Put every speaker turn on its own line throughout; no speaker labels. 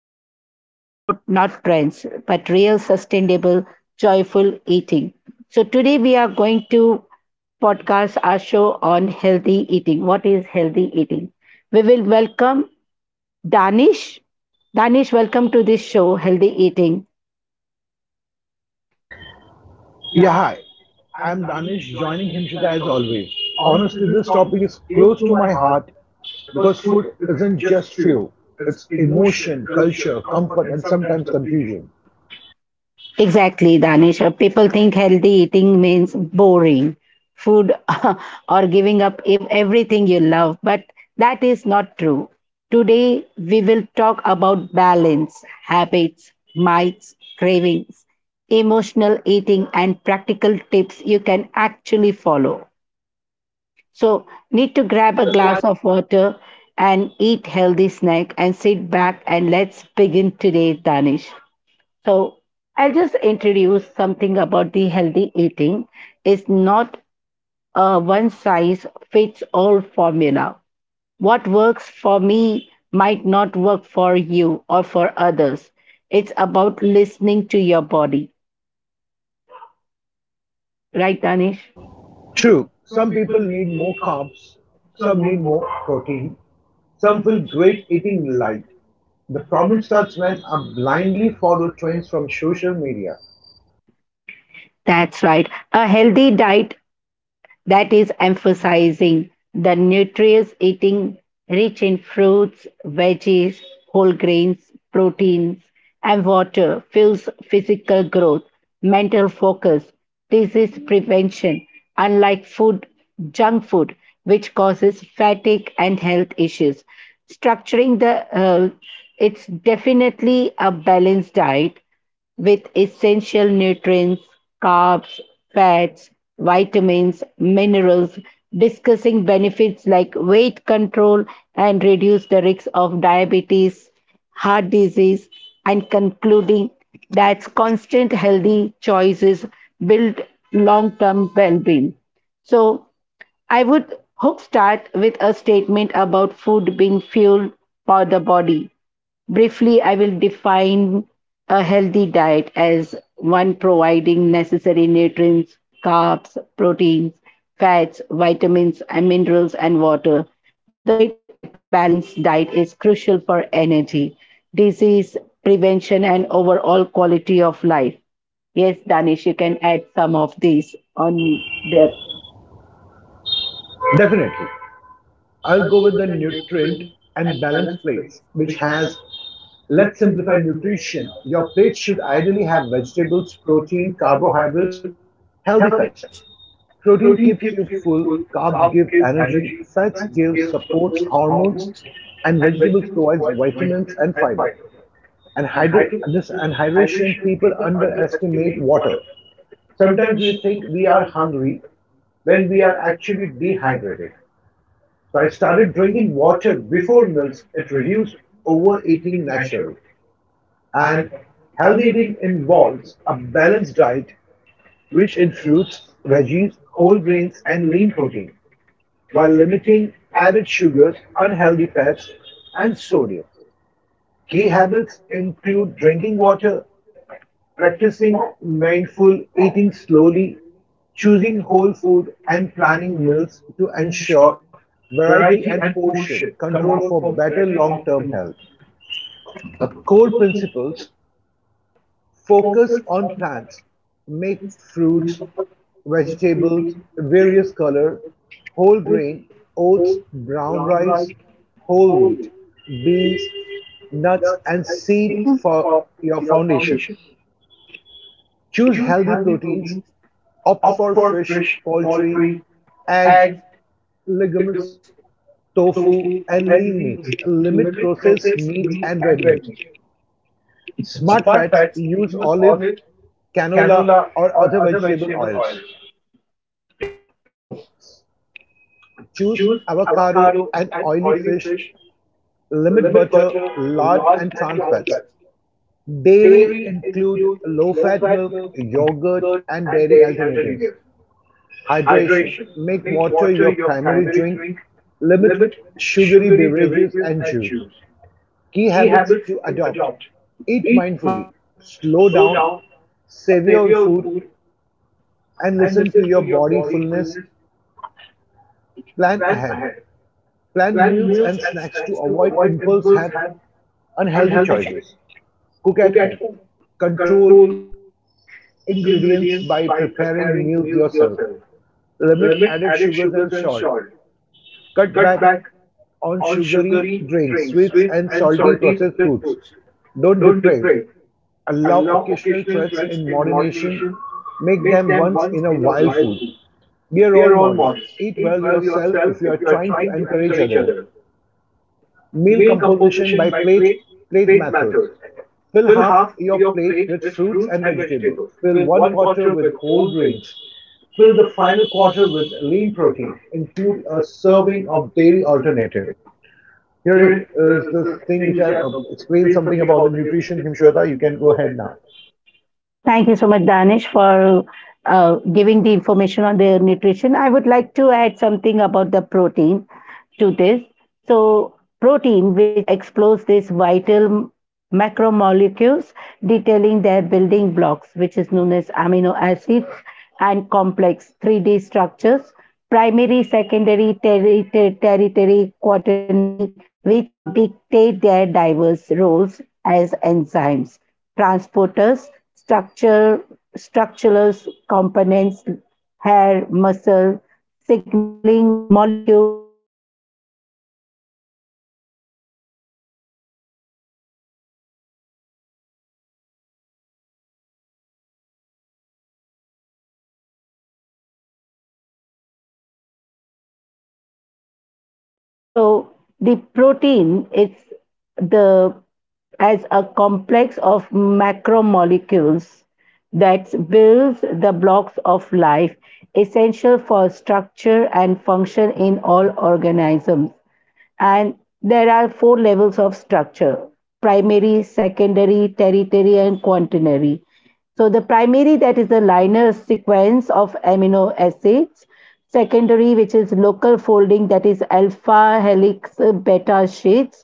not starving, not trends, but real, sustainable, joyful eating. So, today we are going to podcast our show on healthy eating. What is healthy eating? We will welcome Danish. Danish, welcome to this show, Healthy Eating.
Yeah, hi. I'm Danish joining Himshita as always. Honestly, this topic is close to my heart because food isn't just fuel, it's emotion, culture, comfort, and sometimes confusion.
Exactly, Danish. People think healthy eating means boring food or giving up everything you love, but that is not true. Today, we will talk about balance, habits, mites, cravings, emotional eating, and practical tips you can actually follow. So, need
Need
to
to
grab
grab
a
a glass.
glass of water and eat healthy snack and sit back and let's begin today, Danish. So I'll just introduce something about the healthy eating. It's not a one size fits all formula. What works for me might not work for you or for others. It's about listening to your body. Right, Danish?
True, some people need more carbs, some need more protein, some feel great eating light. The problem starts when I blindly follow trends from social media.
That's right. A healthy diet that is emphasizing the nutritious eating rich in fruits, veggies, whole grains, proteins, and water fuels physical growth, mental focus, disease prevention, unlike food, junk food, which causes fatigue and health issues. Structuring the, uh, it's definitely a balanced diet with essential nutrients, carbs, fats, vitamins, minerals, discussing benefits like weight control and reduce the risk of diabetes, heart disease, and concluding that constant healthy choices build long term well being. So, I would hope start with a statement about food being fuel for the body. Briefly, I will define a healthy diet as one providing necessary nutrients, carbs, proteins, fats, vitamins, and minerals, and water. The state that balanced diet is crucial for energy, disease prevention, and overall quality of life. Yes, Danish, you can add some of these on the.
Definitely. I'll go with the nutrient and balanced plates, which has let's simplify nutrition. Your plate should ideally have vegetables, protein, carbohydrates, healthy fats. Protein keeps you full, carbs give energy, fats give supports hormones, and vegetables provides vitamins and fiber. And hydro this and hydration people underestimate water. Sometimes we think we are hungry when we are actually dehydrated. So I started drinking water before meals. It reduces overeating naturally. And healthy eating involves a balanced diet rich in fruits, veggies, whole grains, and lean protein, while limiting added sugars, unhealthy fats, and sodium. Key habits include drinking water, practicing mindful eating slowly, choosing whole food, and planning meals to ensure variety and portion control for better long term health. The core principles focus on plants, make fruits, vegetables, various color, whole grain, oats, brown rice, whole wheat, beans, nuts, and seed for your foundation. Choose healthy proteins, opt for fish, poultry, eggs, legumes, tofu, and lean meats. Limit processed meat and red meat. Smart fats use olive, canola, or other vegetable oils. Choose avocado and oily fish. Limit butter, lard, and trans fats. Dairy include low fat milk, yogurt, and dairy alternatives. Hydration: make water your primary drink, limit sugary beverages and juice. Key habits to adopt: eat mindfully, slow down, savor food, and listen to your body fullness. Plan ahead. Plan meals and snacks to avoid impulse and unhealthy choices. Cook at home. Control ingredients by preparing meals yourself. Limit added sugars and salt. Cut back on sugary drinks, sweets, and salty processed foods. Don't deprive. Allow occasional threats in moderation. Make them once in a while food. Be a role model. Eat well yourself if you are trying to encourage others. Meal composition by plate plate methods. Fill half your plate with fruits and vegetables. Fill one quarter with whole grains. Fill the final quarter with lean protein. Include a serving of dairy alternative. Here is this thing which I've explained something about the nutrition, Himshweta. You can go ahead now.
Thank you so much, Danish, for giving the information on the nutrition. I would like to add something about the protein to this. So, protein, which explores these vital macromolecules, detailing their building blocks, which is known as amino acids and complex 3D structures, primary, secondary, tertiary, quaternary, which dictate their diverse roles as enzymes transporters, structure, structural components, hair, muscle, signaling molecules, and immune defenders, essential for growth, repair, and virtually all life processes, emphasizing their importance in nutrition and cellular function. So the protein is the as a complex of macromolecules that builds the blocks of life essential for structure and function in all organisms, and there are four levels of structure, primary, secondary, tertiary, and quaternary. So the primary, that is the linear sequence of amino acids; secondary, which is local folding, that is alpha helix beta sheets;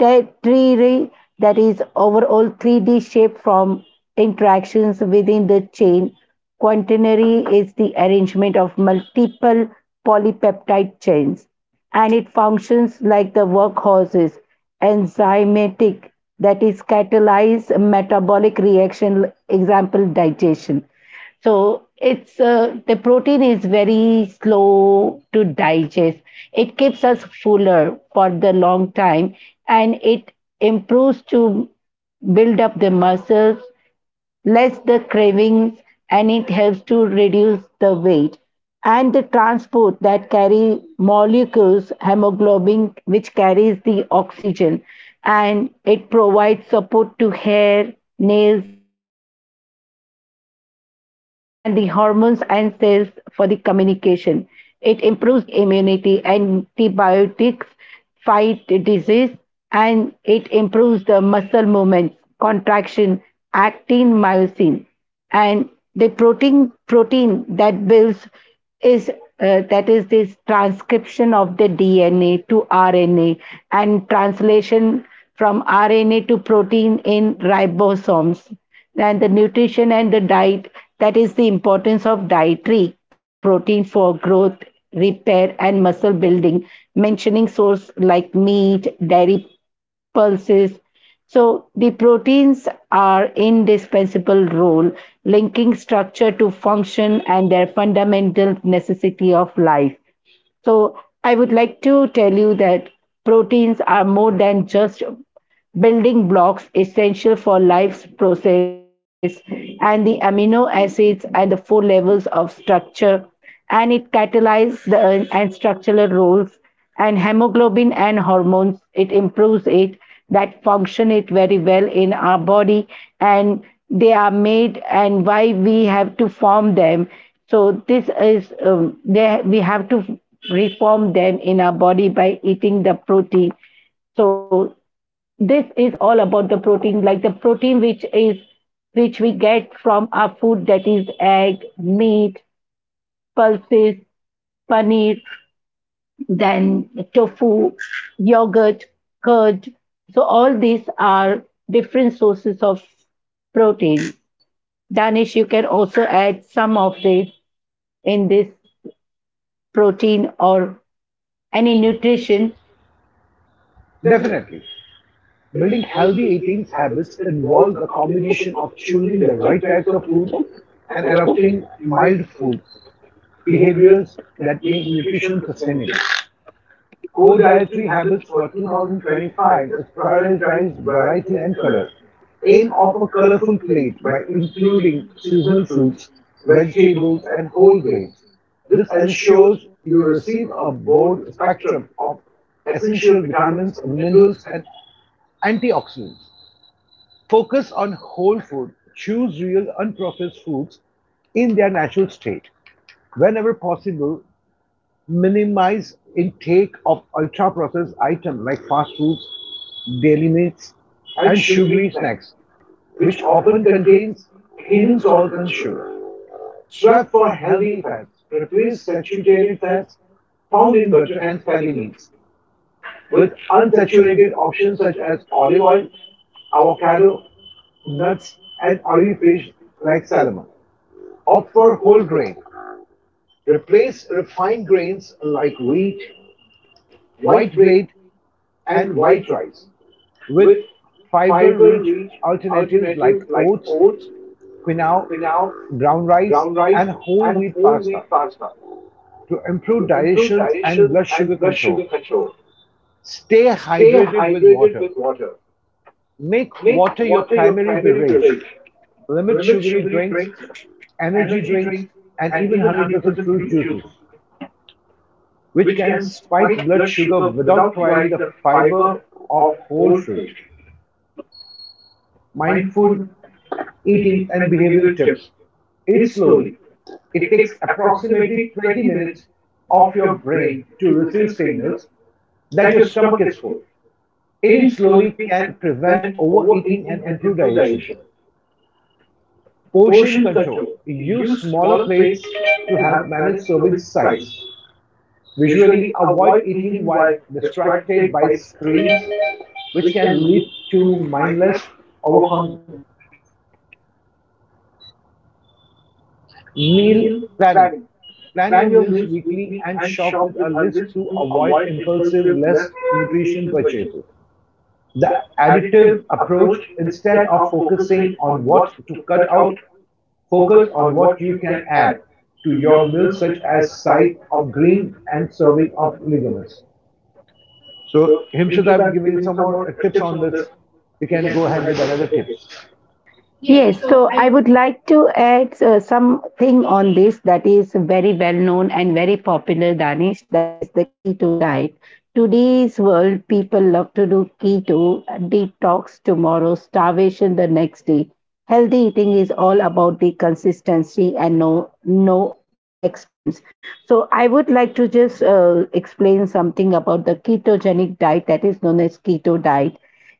tertiary, that is overall 3D shape from interactions within the chain. Quaternary is the arrangement of multiple polypeptide chains, and it functions like the workhorses, enzymatic, that is catalyze metabolic reaction, example digestion. So it's the protein is very slow to digest. It keeps us fuller for the long time, and it improves to build up the muscles, less the cravings, and it helps to reduce the weight. And the transport that carry molecules, hemoglobin, which carries the oxygen, and it provides support to hair, nails, cell membranes and the hormones and cells for the communication. It improves the immunity, antibiotics fight disease, and it improves the muscle movements, contraction, actin, myosin, and the protein that builds is that is this transcription of the DNA to RNA and translation from RNA to protein in ribosomes, and the nutrition and the diet, that is the importance of dietary protein for growth, repair, and muscle building, mentioning source like meat, dairy, pulses. So the proteins are indispensable role, linking structure to function and their fundamental necessity of life. So I would like to tell you that proteins are more than just building blocks essential for life's process, and the amino acids and the four levels of structure, and it catalyzes the and structural roles, and hemoglobin and hormones, it improves it, that function it very well in our body, and they are made and why we have to form them. So this is we have to reform them in our body by eating the protein. So this is all about the protein, like the protein which is which we get from our food, that is egg, meat, pulses, paneer, then tofu, yogurt, curd. So all these are different sources of protein. Danish, you can also add some of this in this protein or any
Any nutrition?
nutrition.
Definitely. Building healthy eating habits involves a combination of choosing the right types of food and adopting mild foods behaviors that make nutrition sustainable. Core dietary habits for 2025 is prioritize variety and color. Aim of a colorful plate by including seasonal fruits, vegetables, and whole grains. This ensures you receive a broad spectrum of essential vitamins, minerals, and antioxidants. Focus on whole food. Choose real unprocessed foods in their natural state. Whenever possible, minimize intake of ultra-processed items like fast foods, dairy meats, and sugary snacks, which often contains hidden salts and sugar. Swap for healthy fats. Replace saturated fats found in butter and fatty meats with unsaturated options such as olive oil, avocado, nuts, and oily fish like salmon. Opt for whole grain. Replace refined grains like wheat, white bread and white rice, with fiber-rich alternatives like oats, quinoa, brown rice, and whole wheat pasta to improve digestion and blood sugar control. Stay hydrated with water. Make water your primary beverage. Limit sugary drinks, energy drinks, and even 100% fruit juices, which can spike blood sugar without providing the fiber of whole fruit. Mindful eating and behavioral tips. Eat slowly. It takes approximately 20 minutes of your brain to receive signals that your stomach is full. Eating slowly can prevent overeating and improve digestion. Portion control. Use smaller plates to help manage serving size. Visually, avoid eating while distracted by screens, which can lead to mindless overconsumption. Meal planning. Plan your meals weekly and shop with a list to avoid impulsive, less nutrition purchases. The additive approach, instead of focusing on what to cut out, focus on what you can add to your meal, such as side of green and serving of legumes. So, Himshad, I've given you some more tips on this. You can go ahead with another tips. Yes,
Yes,
so
so
I
I
would.
would like to add something on this that is very well known and very popular, Danish. That is the keto diet. Today's world, people love to do keto, detox tomorrow, starvation the next day. Healthy eating is all about the consistency and no extremes. So I would like to just explain something about the ketogenic diet, that is known as keto diet,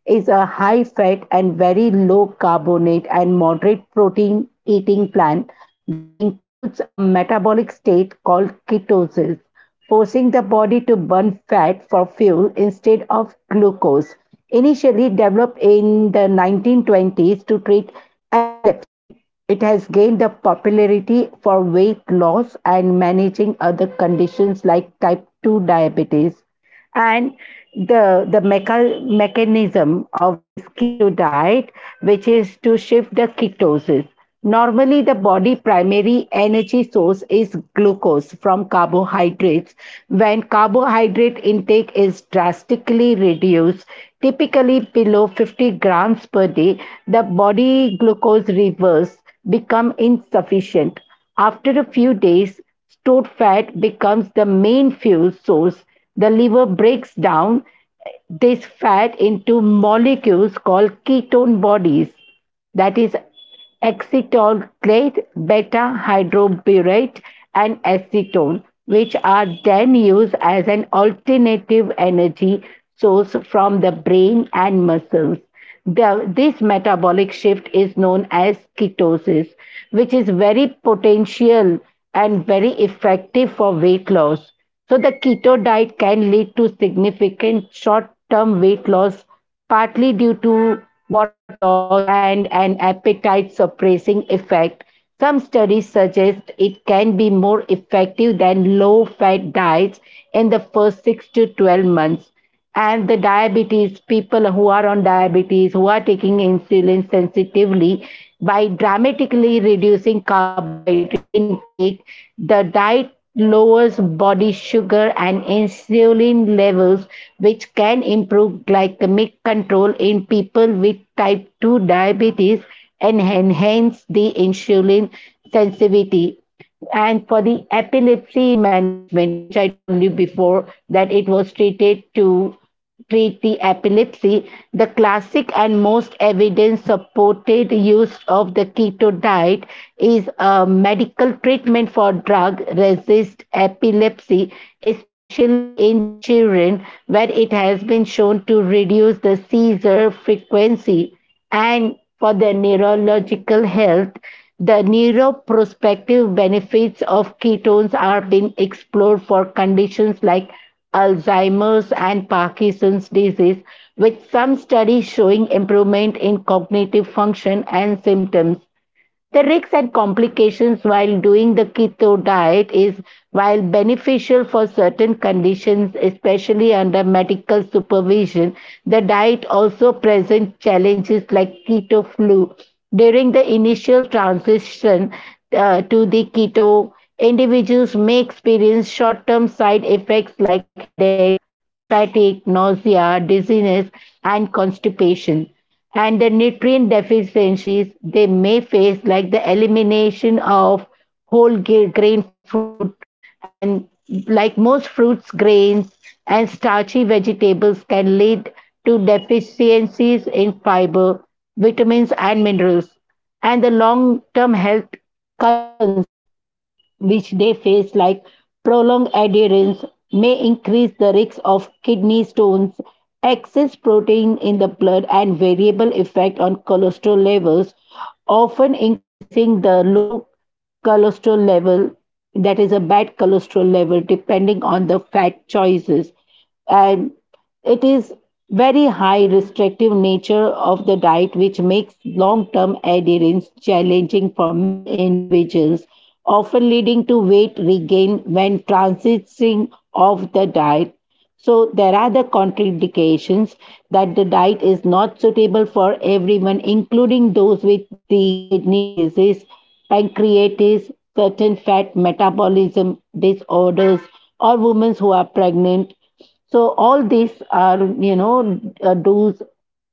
is a high fat and very low carbonate and moderate protein eating plan that includes a metabolic state called ketosis, forcing the body to burn fat for fuel instead of glucose. Initially developed in the 1920s to treat epilepsy, it has gained the popularity for weight loss and managing other conditions like type 2 diabetes. And mechanism of this keto diet, which is to shift the ketosis, normally the body primary energy source is glucose from carbohydrates. When carbohydrate intake is drastically reduced, typically below 50 grams per day, the body glucose reverse become insufficient. After a few days, stored fat becomes the main fuel source. The liver breaks down this fat into molecules called ketone bodies, that is, acetylate, beta hydroxybutyrate and acetone, which are then used as an alternative energy source from the brain and muscles. This metabolic shift is known as ketosis, which is very potential and very effective for weight loss. So, the keto diet can lead to significant short term weight loss, partly due to water loss and an appetite suppressing effect. Some studies suggest it can be more effective than low fat diets in the first 6 to 12 months. And the diabetes people who are on diabetes who are taking insulin sensitively, by dramatically reducing carbohydrate intake, the diet lowers body sugar and insulin levels, which can improve glycemic control in people with type 2 diabetes and enhance the insulin sensitivity. And for the epilepsy management, which I told you before that it was treated to treat the epilepsy, the classic and most evidence supported use of the keto diet is a medical treatment for drug resist epilepsy, especially in children, where it has been shown to reduce the seizure frequency. And for the neurological health, the neuroprospective benefits of ketones are being explored for conditions like Alzheimer's and Parkinson's disease, with some studies showing improvement in cognitive function and symptoms. The risks and complications while doing the keto diet is, while beneficial for certain conditions, especially under medical supervision, the diet also presents challenges like keto flu. During the initial transition to the keto, individuals may experience short term side effects like headaches, fatigue, nausea, dizziness, and constipation. And the nutrient deficiencies they may face, like the elimination of grain fruit and like most fruits, grains and starchy vegetables can lead to deficiencies in fiber, vitamins, and minerals, and the long term health concerns which they face, like prolonged adherence, may increase the risk of kidney stones, excess protein in the blood, and variable effect on cholesterol levels, often increasing the low cholesterol level, that is a bad cholesterol level, depending on the fat choices. And it is very high restrictive nature of the diet which makes long-term adherence challenging for many individuals, often leading to weight regain when transitioning off the diet. So there are the contraindications, that the diet is not suitable for everyone, including those with the kidney disease, pancreatitis, certain fat metabolism disorders, or women who are pregnant. So all these are, you know, do's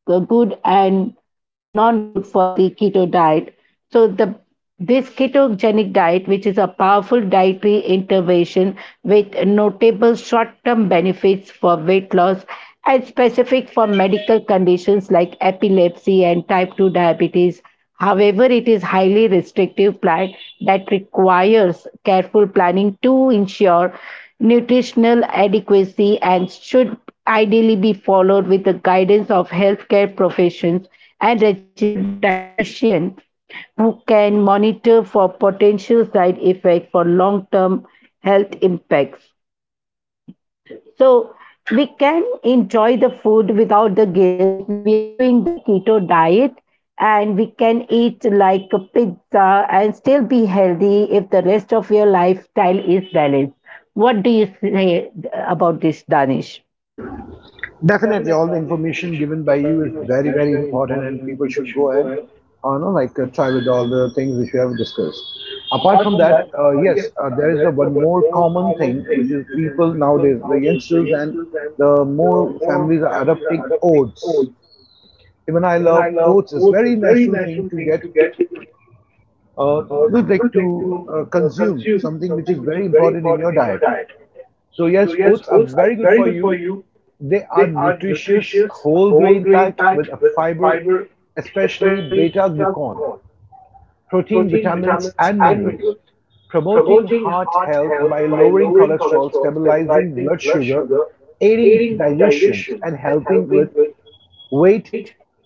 good and not good for the keto diet. So the this ketogenic diet, which is a powerful dietary intervention with notable short-term benefits for weight loss and specific for medical conditions like epilepsy and type 2 diabetes. However, it is highly restrictive plant that requires careful planning to ensure nutritional adequacy and should ideally be followed with the guidance of healthcare professions and registered dietitian who can monitor for potential side effects for long-term health impacts. So we can enjoy the food without the guilt if we are doing the keto diet, and we can eat like a pizza and still be healthy if the rest of your lifestyle is balanced. What do you say about this, Danish?
Definitely, all the information given by you is very, very important, and people should go and, like try with all the things which we have discussed. Apart from that, yes, there is a one more common thing which is people nowadays, the youngsters and the more families are adopting oats. Even I love oats. It's very natural thing to get, uh, like to consume something which is very important in your diet. So yes, oats are very good for you. They are nutritious whole grain packed with a fiber, especially beta glucan, protein, vitamins and minerals, promoting heart health by lowering cholesterol, stabilizing blood sugar, aiding digestion and helping with weight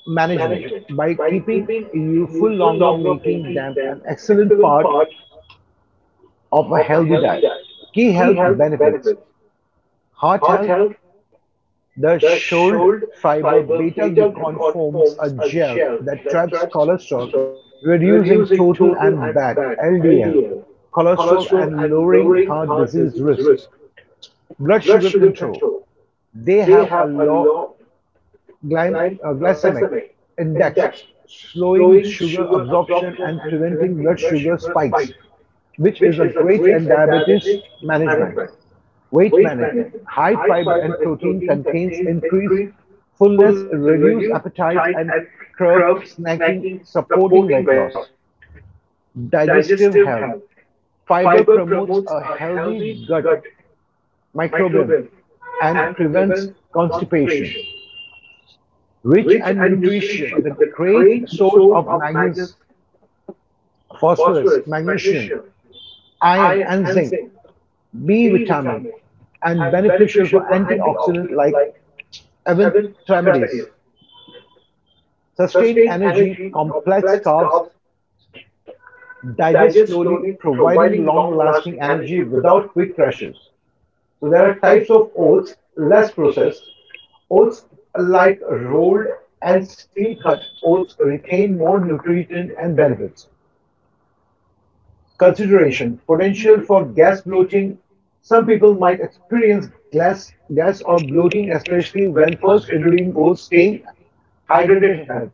management by keeping youthful longer, making them an excellent part of a healthy diet. Key health benefits heart health, the Schold-fiber beta-glucan forms a gel that traps cholesterol, reducing total and bad LDL cholesterol and lowering heart disease risk. Blood sugar control. They have a low glycemic index, slowing sugar absorption and preventing blood sugar spikes, which is a great in diabetes management. Weight management. High fiber and protein contains increased fullness, reduce appetite and curb snacking, supporting weight loss. Digestive health. Fiber promotes a healthy gut microbiome and prevents constipation rich in nutrition, the great source of magnesium, phosphorus, magnesium, iron, and zinc, B vitamin, and beneficial for antioxidant like eventramides. Sustained energy, complex carbs digest slowly, providing long lasting energy without quick crashes. So there are types of oats, less processed. Oats like rolled and steel cut oats retain more nutrition and benefits. Consideration potential for gas bloating. Some people might experience gas or bloating, especially when first introducing oats, staying hydrated helps.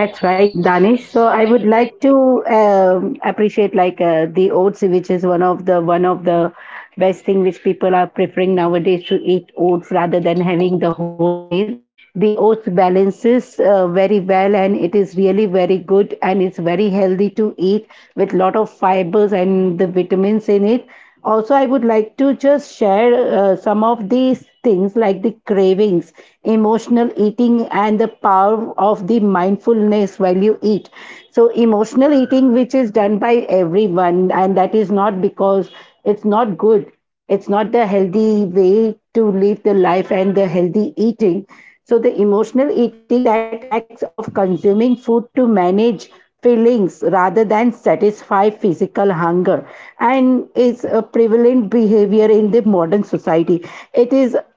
That's right,
right, Danish.
Danish.
So
So
I
I
would
would like.
like to appreciate the oats, which is one of the best thing which people are preferring nowadays to eat oats rather than having the whole meal. The oats balances very well, and it is really very good, and it's very healthy to eat with lot of fibers and the vitamins in it. Also, I would like to just share some of these things like the cravings, emotional eating, and the power of the mindfulness while you eat. So, emotional eating, which is done by everyone, and that is not because it's not good. It's not the healthy way to live the life and the healthy eating. So the emotional eating that acts of consuming food to manage feelings rather than satisfy physical hunger and is a prevalent behavior in the modern society. It is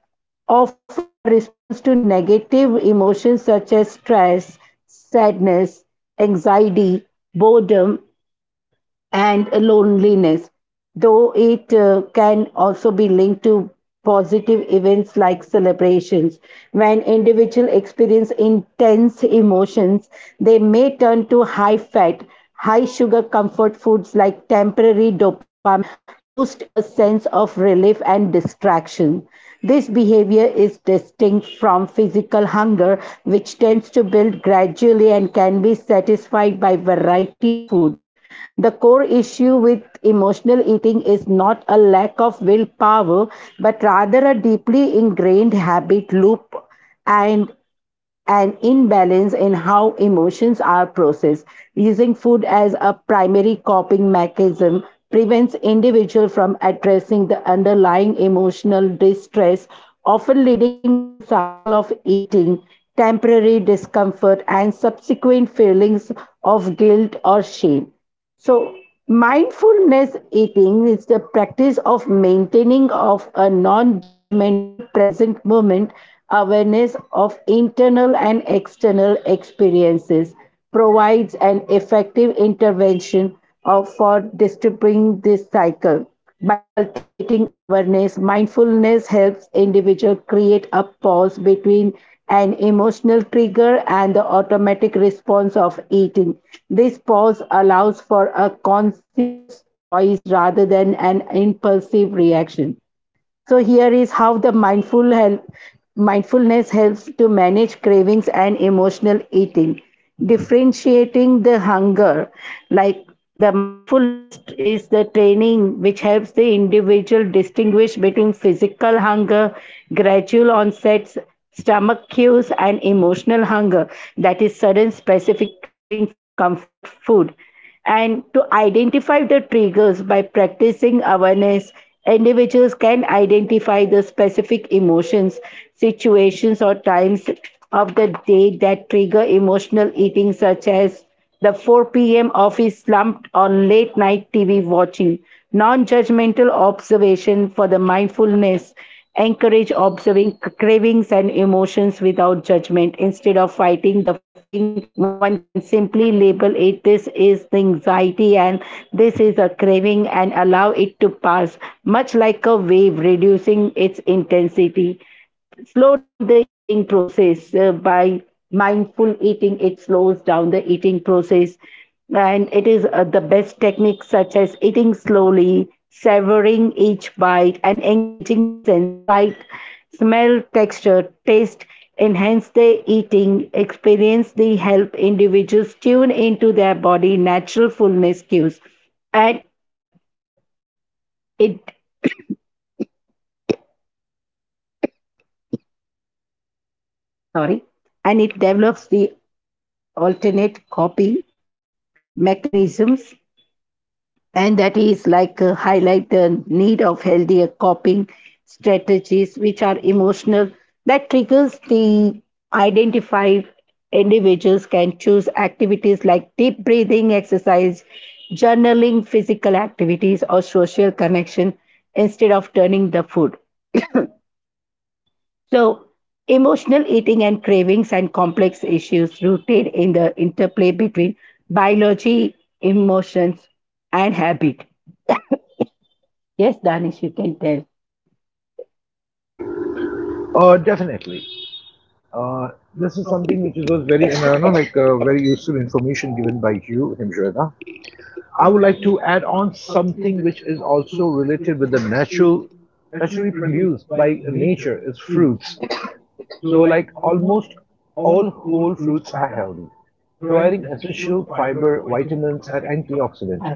often a response to negative emotions such as stress, sadness, anxiety, boredom, and loneliness, though it can also be linked to positive events like celebrations. When individuals experience intense emotions, they may turn to high fat, high sugar comfort foods like temporary dopamine, boost a sense of relief and distraction. This behavior is distinct from physical hunger, which tends to build gradually and can be satisfied by variety of foods. The core issue with emotional eating is not a lack of willpower, but rather a deeply ingrained habit loop and an imbalance in how emotions are processed. Using food as a primary coping mechanism prevents individuals from addressing the underlying emotional distress, often leading to a cycle of eating, temporary discomfort, and subsequent feelings of guilt or shame. So, mindfulness eating is the practice of maintaining of a non-judgmental present moment awareness of internal and external experiences provides an effective intervention of for disturbing this cycle by cultivating awareness, mindfulness helps individual create a pause between an emotional trigger and the automatic response of eating. This pause allows for a conscious choice rather than an impulsive reaction. So here is how the mindfulness helps to manage cravings and emotional eating, differentiating the hunger. Like the mindfulness is the training which helps the individual distinguish between physical hunger, gradual onsets, stomach cues, and emotional hunger, that is sudden specific craving for comfort food and to identify the triggers by practicing awareness, individuals can identify the specific emotions, situations, or times of the day that trigger emotional eating, such as the 4 p.m. office slump or late night TV watching, non judgmental observation for the mindfulness encourage observing cravings and emotions without judgment instead of fighting the feeling one can simply label it this is the anxiety and this is a craving and allow it to pass much like a wave reducing its intensity slow down the eating process by mindful eating it slows down the eating process and it is the best techniques such as eating slowly savoring each bite and engaging the sense sight smell texture taste enhance their eating experience they help individuals tune into their body natural fullness cues and it sorry and it develops the alternate copy mechanisms and that is like highlight the need of healthier coping strategies which are emotional that triggers the identify individuals can choose activities like deep breathing exercise journaling physical activities or social connection instead of turning the food so emotional eating and cravings and complex issues rooted in the interplay between biology emotions and habit. Yes, Danish, you can tell.
Definitely. Uh, this is something which was very, and I don't know, like very useful information given by you, Himshweta. I would like to add on something which is also related with the natural, naturally produced by nature is fruits. So, like almost all whole fruits are healthy, providing essential fiber, vitamins, and antioxidants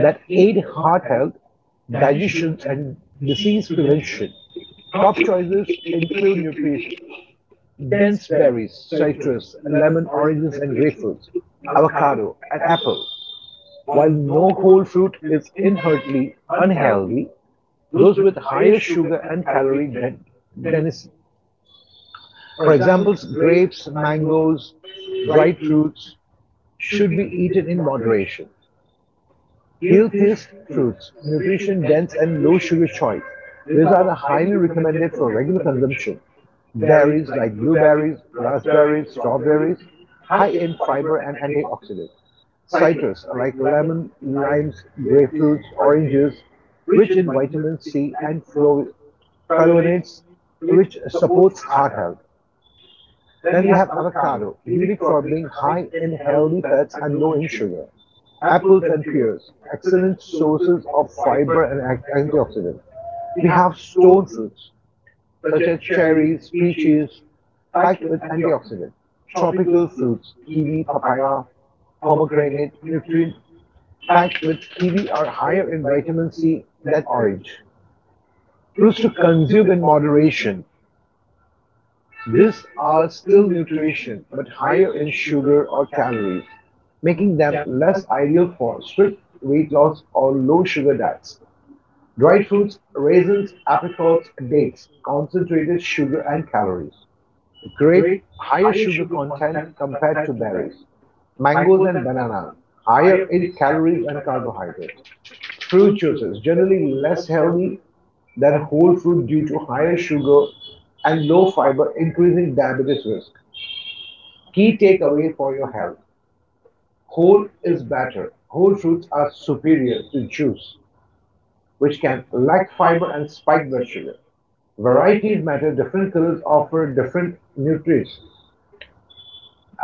that aid heart health, digestion, and disease prevention. Top choices include nutrient dense berries, citrus, lemon, oranges, and grapefruits, avocado, and apple. While no whole fruit is inherently unhealthy, those with higher sugar and calorie density, for example, grapes, mangoes, dried fruits, should be eaten in moderation. Healthiest fruits, nutrition-dense and low-sugar choice, these are the highly recommended for regular consumption. Berries like blueberries, raspberries, strawberries, high in fiber and antioxidants. Citrus like lemon, limes, grapefruits, oranges, rich in vitamin C and flavonoids, which supports heart health. Then we have avocado, unique for being high in healthy fats and low in sugar. Apples and pears, excellent sources of fiber and antioxidants. We have stone fruits, such as cherries, peaches, packed with antioxidants. Tropical fruits, kiwi, papaya, pomegranate, nutrient packed with kiwi are higher in vitamin C than orange. Fruits to consume in moderation, these are still nutrition, but higher in sugar or calories, making them less ideal for strict weight loss or low sugar diets. Dried fruits, raisins, apricots, dates, concentrated sugar and calories. Grape higher sugar content compared to berries, mangoes and bananas, higher in calories and carbohydrates. Fruit juices generally less healthy than whole fruit due to higher sugar and low fiber, increasing diabetes risk. Key takeaway for your health whole is better. Whole fruits are superior to juice, which can lack fiber and spike blood sugar. Varieties matter, different colors offer different nutrients.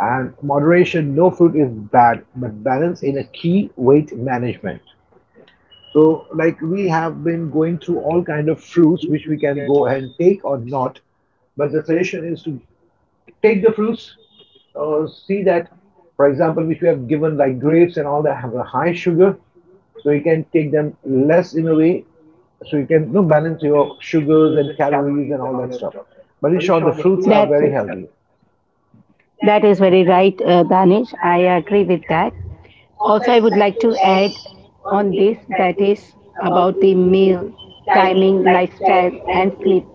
And moderation, no fruit is bad, but balance is a key weight management. So, like, we have been going through all kind of fruits which we can go ahead and take or not, but the
The
suggestion is to take the fruits, see that, for
you
example, which we have given
you high
like grapes
and
and
and
all
all
that have a high sugar,
the
so you
so
can
can,
take them less in a way, so you can balance your sugars and calories and all that stuff, but in short the fruits are very healthy. That
that
is
is
very
very
right,
right,
very
Danish.
right,
I
I agree
agree
with
with
that.
that.
Also, I
Also, I
would
would
like
like
to
to
add, like
add
on
on
this
this
on that
that
is
is
about the
about the
meal,
meal,
timing,
timing,
lifestyle,
lifestyle,
and
and
sleep. And
sleep.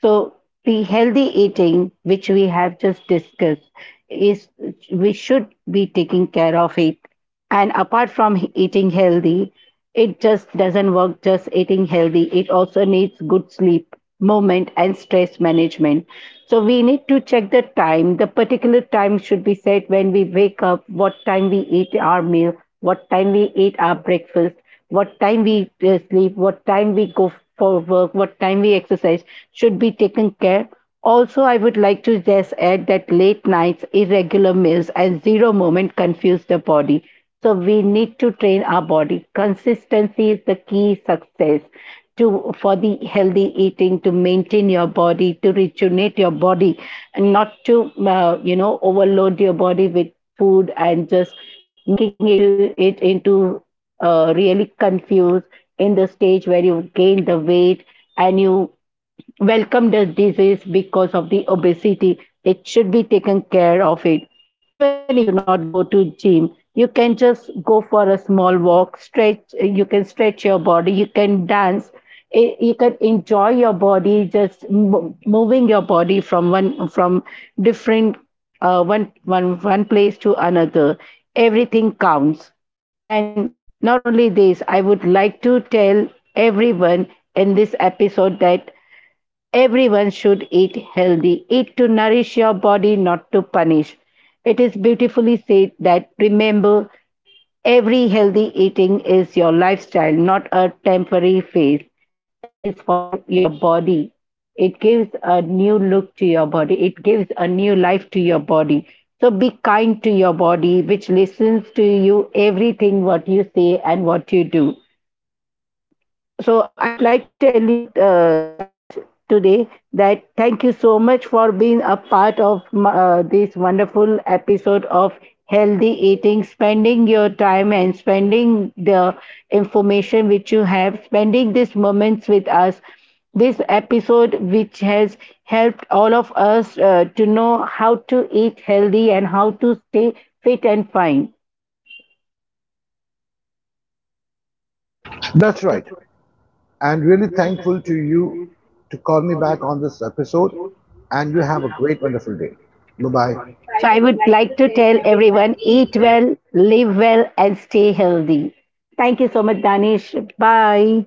So the healthy eating, which we have just discussed, is we should be taking care of it. And apart from eating healthy, it just doesn't work just eating healthy. It also needs good sleep, movement, and stress management. So we need to check the time. The particular time should be set when we wake up, what time we eat our meal, what time we eat our breakfast, what time we sleep, what time we go for work, what time we exercise should be taken care. Also, I would like to just add that late nights, irregular meals, and zero moment confuse the body. So we need to train our body. Consistency is the key success to for the healthy eating to maintain your body, to rejuvenate your body, and not to you know, overload your body with food and just making it to it into really confused in the stage where you gain the weight and you welcome the disease because of the obesity, it should be taken care of it. Even if you do not go to gym, you can just go for a small walk, stretch, you can stretch your body, you can dance, you can enjoy your body just moving your body from one from different one place to another. Everything counts. And not only this, I would like to tell everyone in this episode that everyone should eat healthy. Eat to nourish your body, not to punish. It is beautifully said that remember, every healthy eating is your lifestyle, not a temporary phase. It is for your body. It gives a new look to your body, it gives a new life to your body. So be kind to your body, which listens to you everything what you say and what you do. So I would like to tell you today that thank you so much for being a part of this wonderful episode of healthy eating, spending your time and spending the information which you have, spending these moments with us. This episode, which has helped all of us to know how to eat healthy and how to stay fit and fine.
sleep. That's right. And really thankful to you to call me back on this episode. And you have a great, wonderful day. Bye bye. So
So
I
I
would
would like
like to
to tell
tell everyone
everyone eat
be
well, live well, and stay healthy. Thank you so much, Danish. Bye.